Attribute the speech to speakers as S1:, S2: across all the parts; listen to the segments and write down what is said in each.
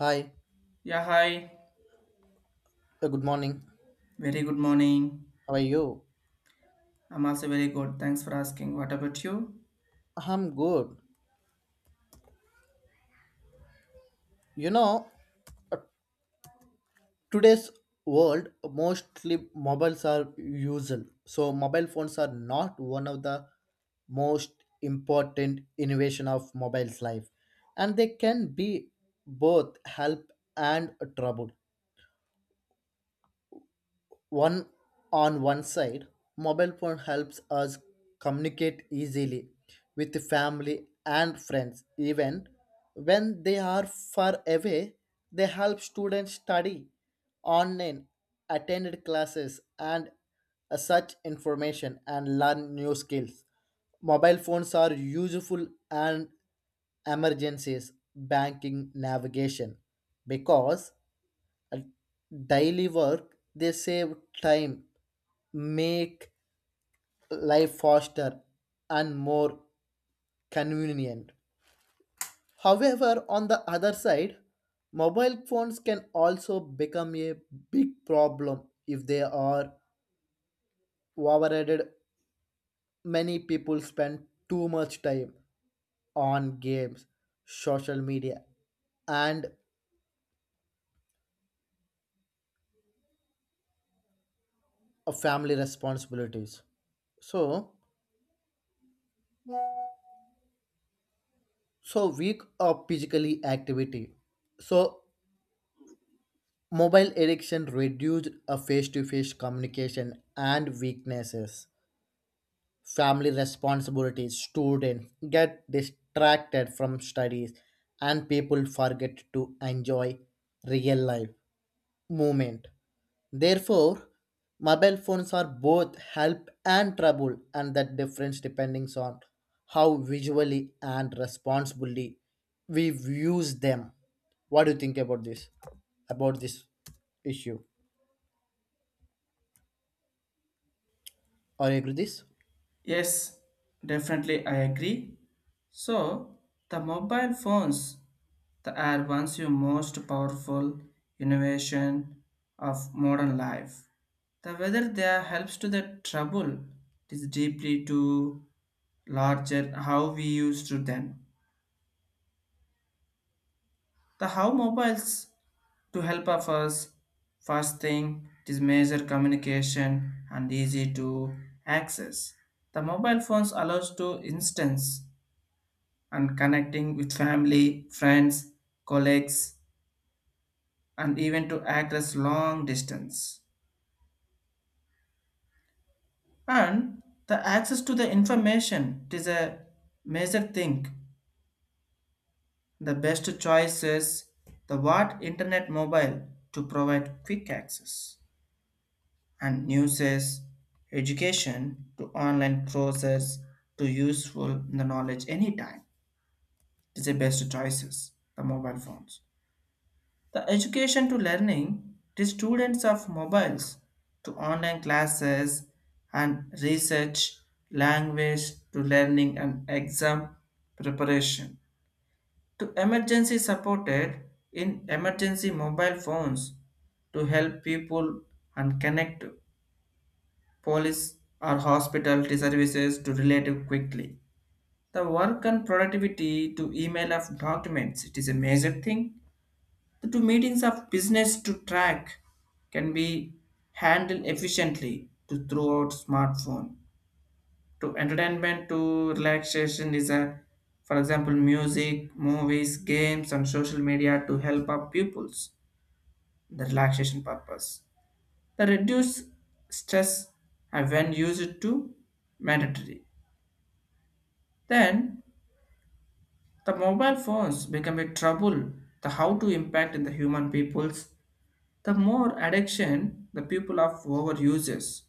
S1: Hi,
S2: Yeah, hi.
S1: good morning.
S2: Very good morning.
S1: How are you?
S2: I'm also very good. Thanks for asking. What about you?
S1: I'm good. You know, today's world mostly mobiles are usual. So mobile phones are not one of the most important innovation of mobile's life. And they can be both help and trouble. One on one side mobile phone helps us communicate easily with family and friends even when they are far away. They help students study online, attend classes, and search information and learn new skills. Mobile phones are useful and emergencies, banking, navigation, because daily work, they save time, make life faster and more convenient. However, on the other side, mobile phones can also become a big problem if they are overrated. Many people spend too much time on games, social media, and family responsibilities. So, So week of physically activity. So mobile addiction reduced a face-to-face communication and weaknesses. Family responsibilities, students get distracted from studies and people forget to enjoy real life movement. Therefore, mobile phones are both help and trouble, and that difference depending on how visually and responsibly we use them. What do you think about this? About this issue? Are you agree with this?
S2: Yes, definitely I agree. So, the mobile phones the are once your most powerful innovation of modern life. The whether they are helps to the trouble is deeply to larger how we used to them. The how mobiles to help of us, first thing it is major communication and easy to access. The mobile phones allows to instance and connecting with family, friends, colleagues, and even to access long distance. And the access to the information it is a major thing. The best choice is the what internet mobile to provide quick access. And uses education to online courses to useful the knowledge anytime. It is the best choices, the mobile phones, the education to learning the students of mobiles to online classes and research language to learning and exam preparation to emergency supported. In emergency mobile phones to help people and connect police or hospitality services to relative quickly. The work and productivity to email of documents, it is a major thing. The two meetings of business to track can be handled efficiently to throughout smartphone. To entertainment to relaxation is a, for example, music, movies, games and social media to help our pupils the relaxation purpose. The reduced stress have when used to mandatory. Then the mobile phones become a trouble. The how to impact in the human peoples. The more addiction the people of overuses,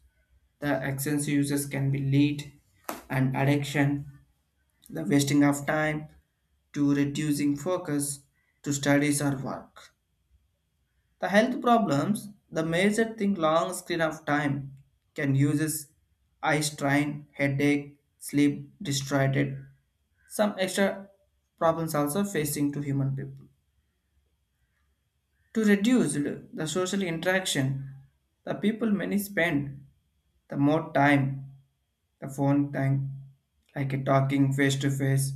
S2: the excessive uses can be lead and addiction, the wasting of time to reducing focus to studies or work. The health problems, the major thing long screen of time can uses eye strain, headache, sleep distorted. Some extra problems also facing to human people. To reduce the social interaction, the people many spend the more time the phone time like a talking face to face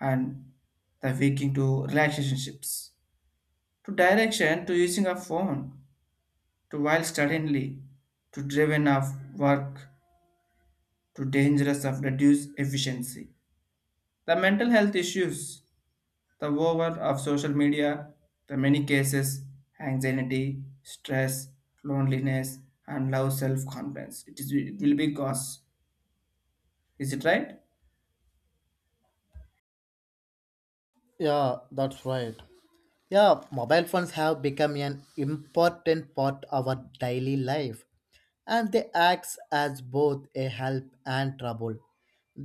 S2: and the waking to relationships to direction to using a phone to while suddenly to driven of work to dangerous of reduced efficiency the mental health issues. The over of social media, the many cases, anxiety, stress, loneliness, and low self-confidence. It is it will be cause. Is it right?
S1: Yeah, that's right. Yeah, mobile phones have become an important part of our daily life, and they act as both a help and trouble.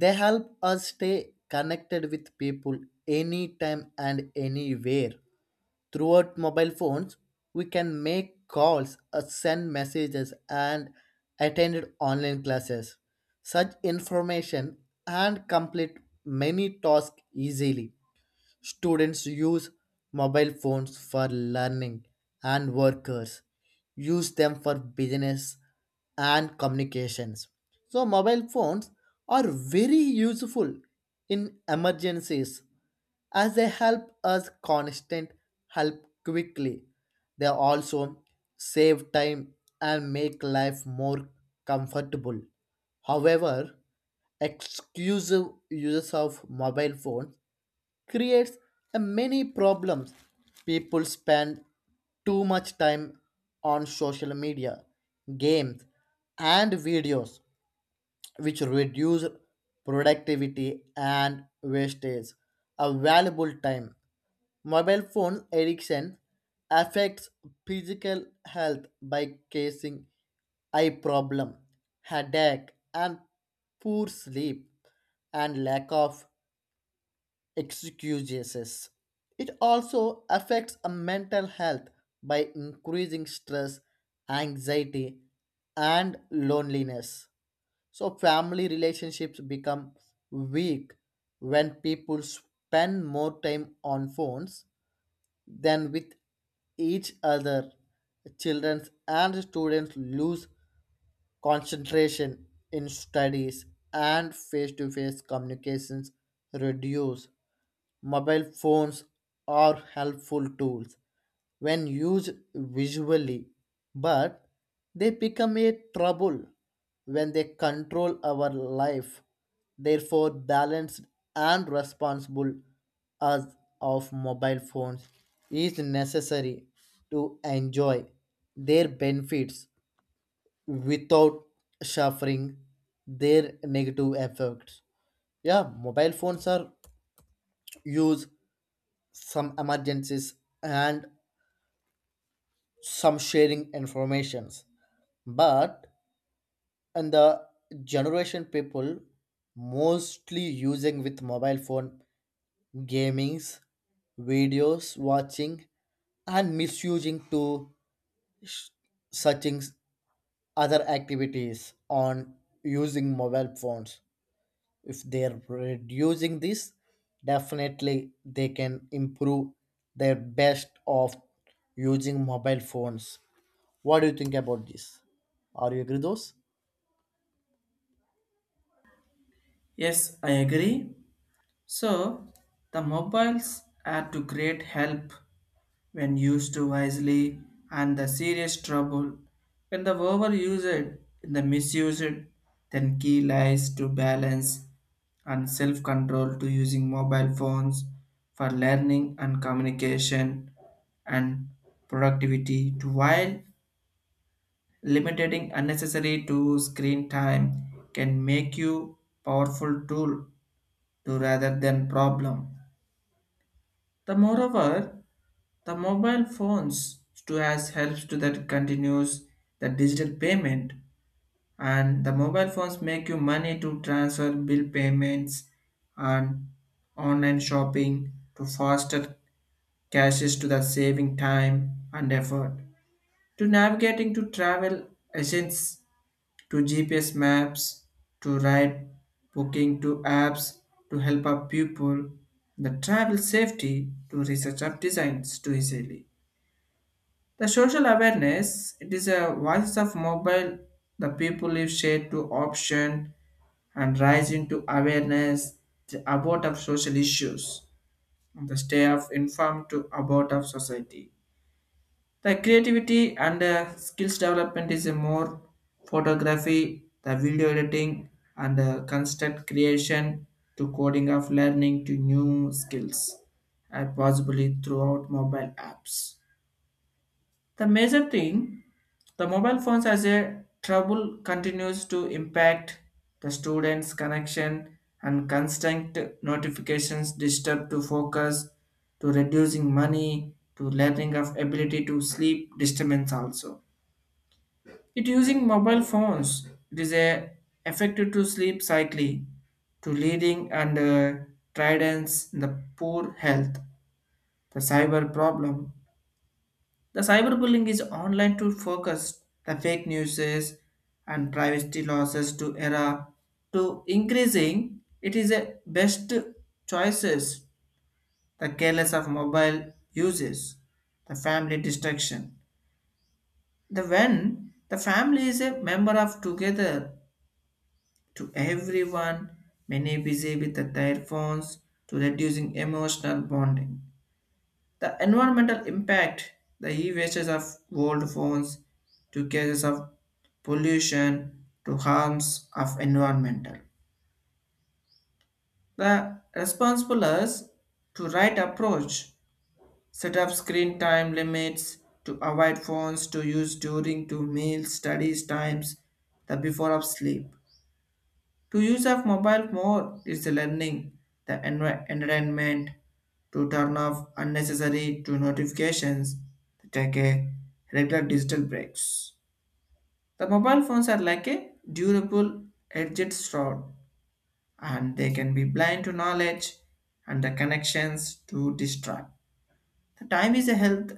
S1: They help us stay connected with people anytime and anywhere. Throughout mobile phones, we can make calls, send messages, and attend online classes. Such information and complete many tasks easily. Students use mobile phones for learning, and workers use them for business and communications. So, mobile phones are very useful in emergencies as they help us constant help quickly. They also save time and make life more comfortable. However, exclusive uses of mobile phones creates a many problems. People spend too much time on social media, games, and videos, which reduce productivity and wastage of valuable time. Mobile phone addiction affects physical health by causing eye problem, headache, and poor sleep and lack of excuses. It also affects a mental health by increasing stress, anxiety, and loneliness. So family relationships become weak when people spend more time on phones than with each other. Children and students lose concentration in studies and face-to-face communications reduce. Mobile phones are helpful tools when used visually, but they become a trouble when they control our life. Therefore, balanced and responsible use of mobile phones is necessary to enjoy their benefits without suffering their negative effects. Yeah, mobile phones are used some emergencies and some sharing informations, but in the generation people mostly using with mobile phone gamings, videos watching, and misusing to searching other activities on using mobile phones. If they're reducing this, definitely they can improve their best of using mobile phones. What do you think about this? Are you agree those?
S2: Yes, I agree. So the mobiles are to great help when used to wisely and the serious trouble. When the overused in the misused, then key lies to balance and self control to using mobile phones for learning and communication and productivity to while limiting unnecessary to screen time can make you powerful tool to rather than problem. The moreover the mobile phones to as helps to that continues the digital payment, and the mobile phones make you money to transfer bill payments and online shopping to faster cashes to the saving time and effort to navigating to travel agents to GPS maps to ride booking to apps to help up people the travel safety to research up designs to easily. The social awareness it is a voice of mobile. The people if share to option and rise into awareness about of social issues and the stay of informed to about of society. The creativity and skills development is a more photography, the video editing and construct creation to coding of learning to new skills and possibly throughout mobile apps. The major thing, the mobile phones as a trouble continues to impact the students' connection and constant notifications disturb to focus, to reducing money, to learning of ability to sleep disturbance also. It using mobile phones, it is a effective to sleep cycling, to leading and tridents in the poor health, the cyber problem, the cyberbullying is online to focus the fake news and privacy losses to era to increasing. It is a best choices the careless of mobile uses, the family destruction. The when the family is a member of together to everyone, many busy with their phones to reducing emotional bonding. The environmental impact, the e-wastes of old phones to cases of pollution to harms of environmental. The responsible is to right approach, set up screen time limits to avoid phones to use during to meals, studies times, the before of sleep. To use of mobile more is the learning the entertainment to turn off unnecessary to notifications to take a regular digital breaks. The mobile phones are like a durable edged sword and they can be blind to knowledge and the connections to distract. The time is a health,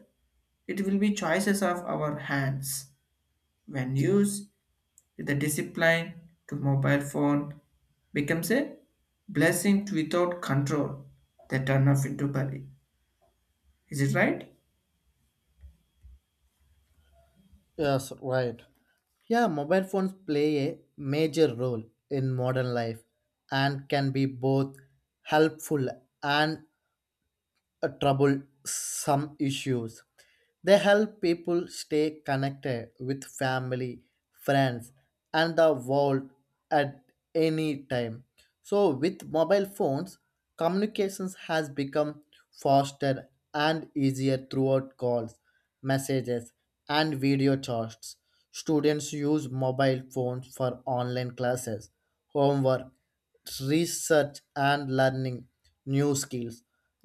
S2: it will be choices of our hands when used the discipline to mobile phone becomes a blessing to without control they turn off into body. Is it right?
S1: Yes, right. Yeah, mobile phones play a major role in modern life and can be both helpful and troublesome issues. They help people stay connected with family, friends, and the world at any time. So, with mobile phones, communications has become faster and easier throughout calls, messages, and video chats. Students use mobile phones for online classes, homework, research and learning new skills.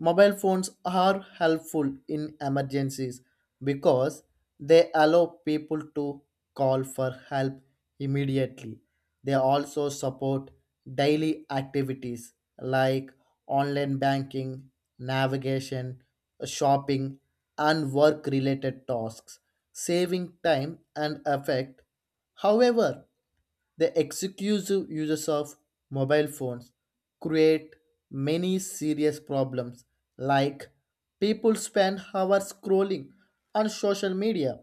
S1: Mobile phones are helpful in emergencies because they allow people to call for help immediately. They also support daily activities like online banking, navigation, shopping, and work related tasks, saving time and effort. However, the exclusive uses of mobile phones create many serious problems like people spend hours scrolling on social media,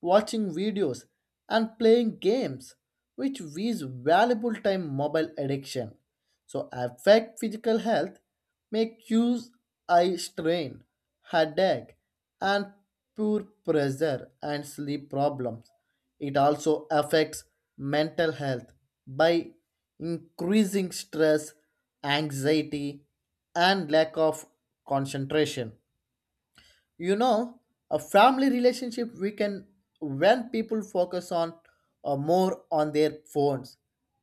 S1: watching videos and playing games, which waste valuable time. Mobile addiction so affect physical health, make use eye strain, headache, and poor pressure and sleep problems. It also affects mental health by increasing stress, anxiety, and lack of concentration. you know a family relationship we can when people focus on or more on their phones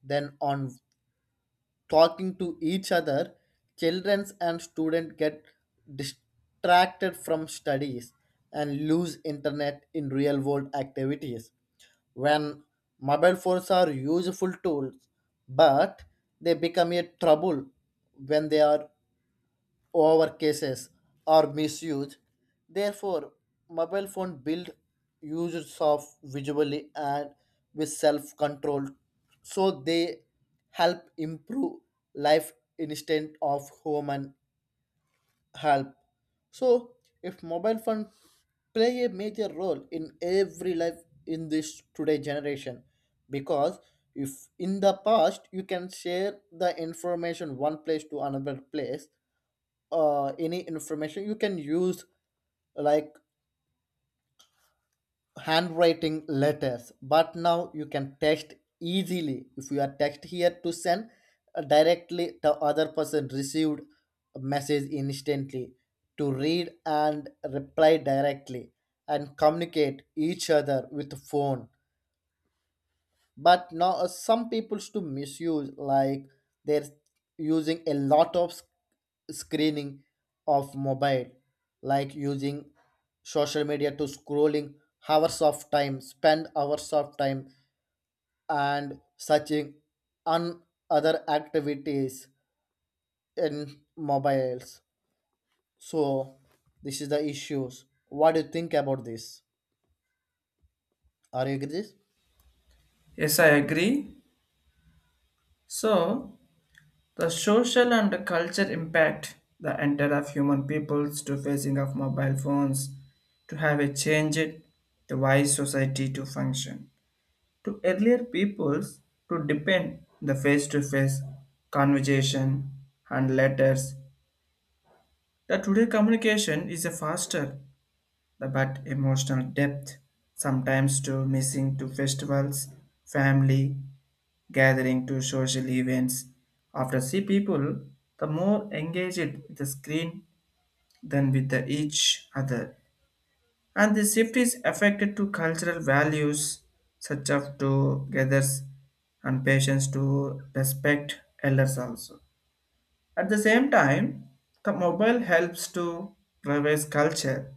S1: than on talking to each other, children and students get distracted from studies and lose internet in real world activities. When mobile phones are useful tools, but they become a trouble when they are over cases or misuse. Therefore, mobile phone build users of visually and with self-control, so they help improve life instead of human help. So if mobile phone play a major role in every life in this today generation, because if in the past you can share the information one place to another place, any information you can use like handwriting letters, but now you can text easily. If you are text here to send, directly the other person received a message instantly to read and reply directly and communicate each other with phone. But now some people's to misuse like they're using a lot of screening of mobile like using social media to scrolling hours of time, spend hours of time, and searching on other activities in mobiles. So this is the issues. What do you think about this? Are you agree this?
S2: Yes, I agree. So the social and the culture impact the enter of human peoples to facing of mobile phones to have a changed the wise society to function. To earlier peoples to depend the face-to-face conversation and letters. The today communication is a faster but emotional depth sometimes to missing to festivals, family gathering to social events. After see people, the more engaged with the screen than with the each other. And the shift is affected to cultural values such as togethers and patience to respect elders also. At the same time, the mobile helps to revive culture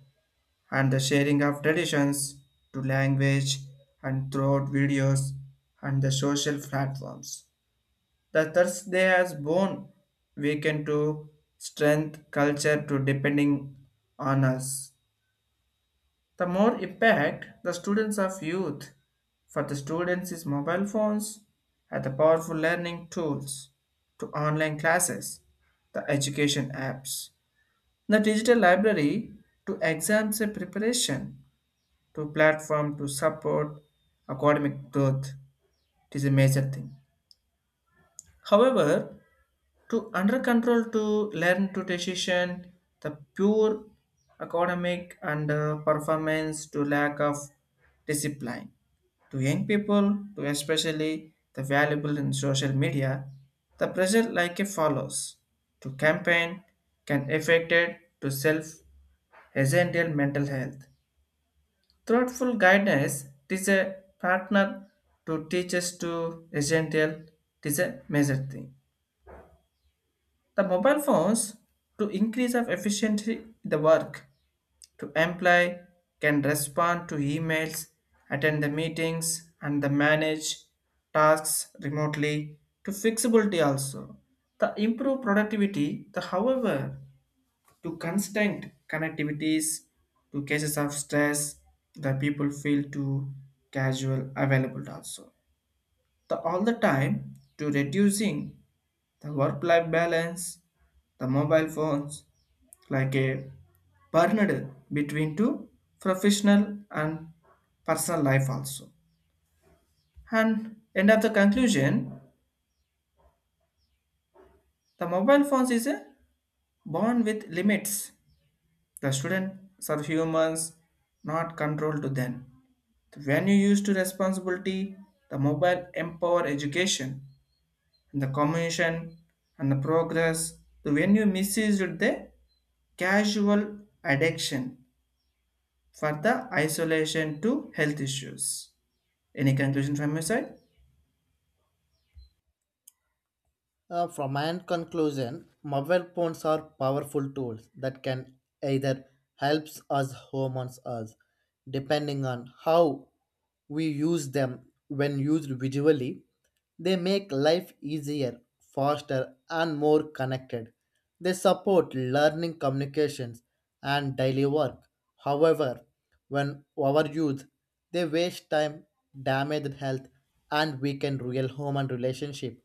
S2: and the sharing of traditions to language and throughout videos and the social platforms. The Thursday has born weekend to strength culture to depending on us. The more impact the students of youth for the students is mobile phones are the powerful learning tools to online classes, the education apps, the digital library to exams and preparation to platform to support academic growth. It is a major thing. However, to under control to learn to decision, the pure academic and performance to lack of discipline. To young people, to especially the valuable in social media, the pressure like a follows to campaign can affect it to self essential mental health. Thoughtful guidance is a partner to teach us to essential. It is a major thing. The mobile phones to increase of efficiency in the work to employ can respond to emails, attend the meetings and the manage tasks remotely to flexibility also. The improve productivity, the however to constant connectivities to cases of stress the people feel too casual available also the all the time to reducing the work life balance the mobile phones like a burned between two professional and personal life also and end of the conclusion the mobile phones is a born with limits the students are humans not controlled to them. When you use to responsibility, the mobile empower education and the communication and the progress. So when you misuse it, the casual addiction for the isolation to health issues. Any conclusion from your side?
S1: From my end conclusion, mobile phones are powerful tools that can either helps us or harms us, depending on how we use them. When used visually, they make life easier, faster, and more connected. They support learning, communications, and daily work. However, when overused, they waste time, damage health, and weaken real human relationship.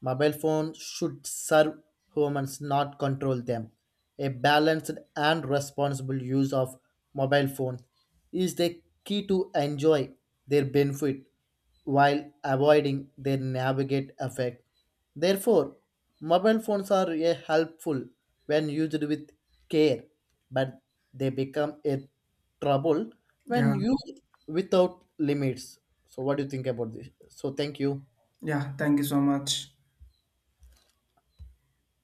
S1: Mobile phones should serve humans, not control them. A balanced and responsible use of mobile phones is the key to enjoy their benefit while avoiding their navigate effect. Therefore, mobile phones are a helpful when used with care, but they become a trouble
S2: Yeah,
S1: when used without limits. So, what do you think about this? So, thank you.
S2: yeah. Thank you so much.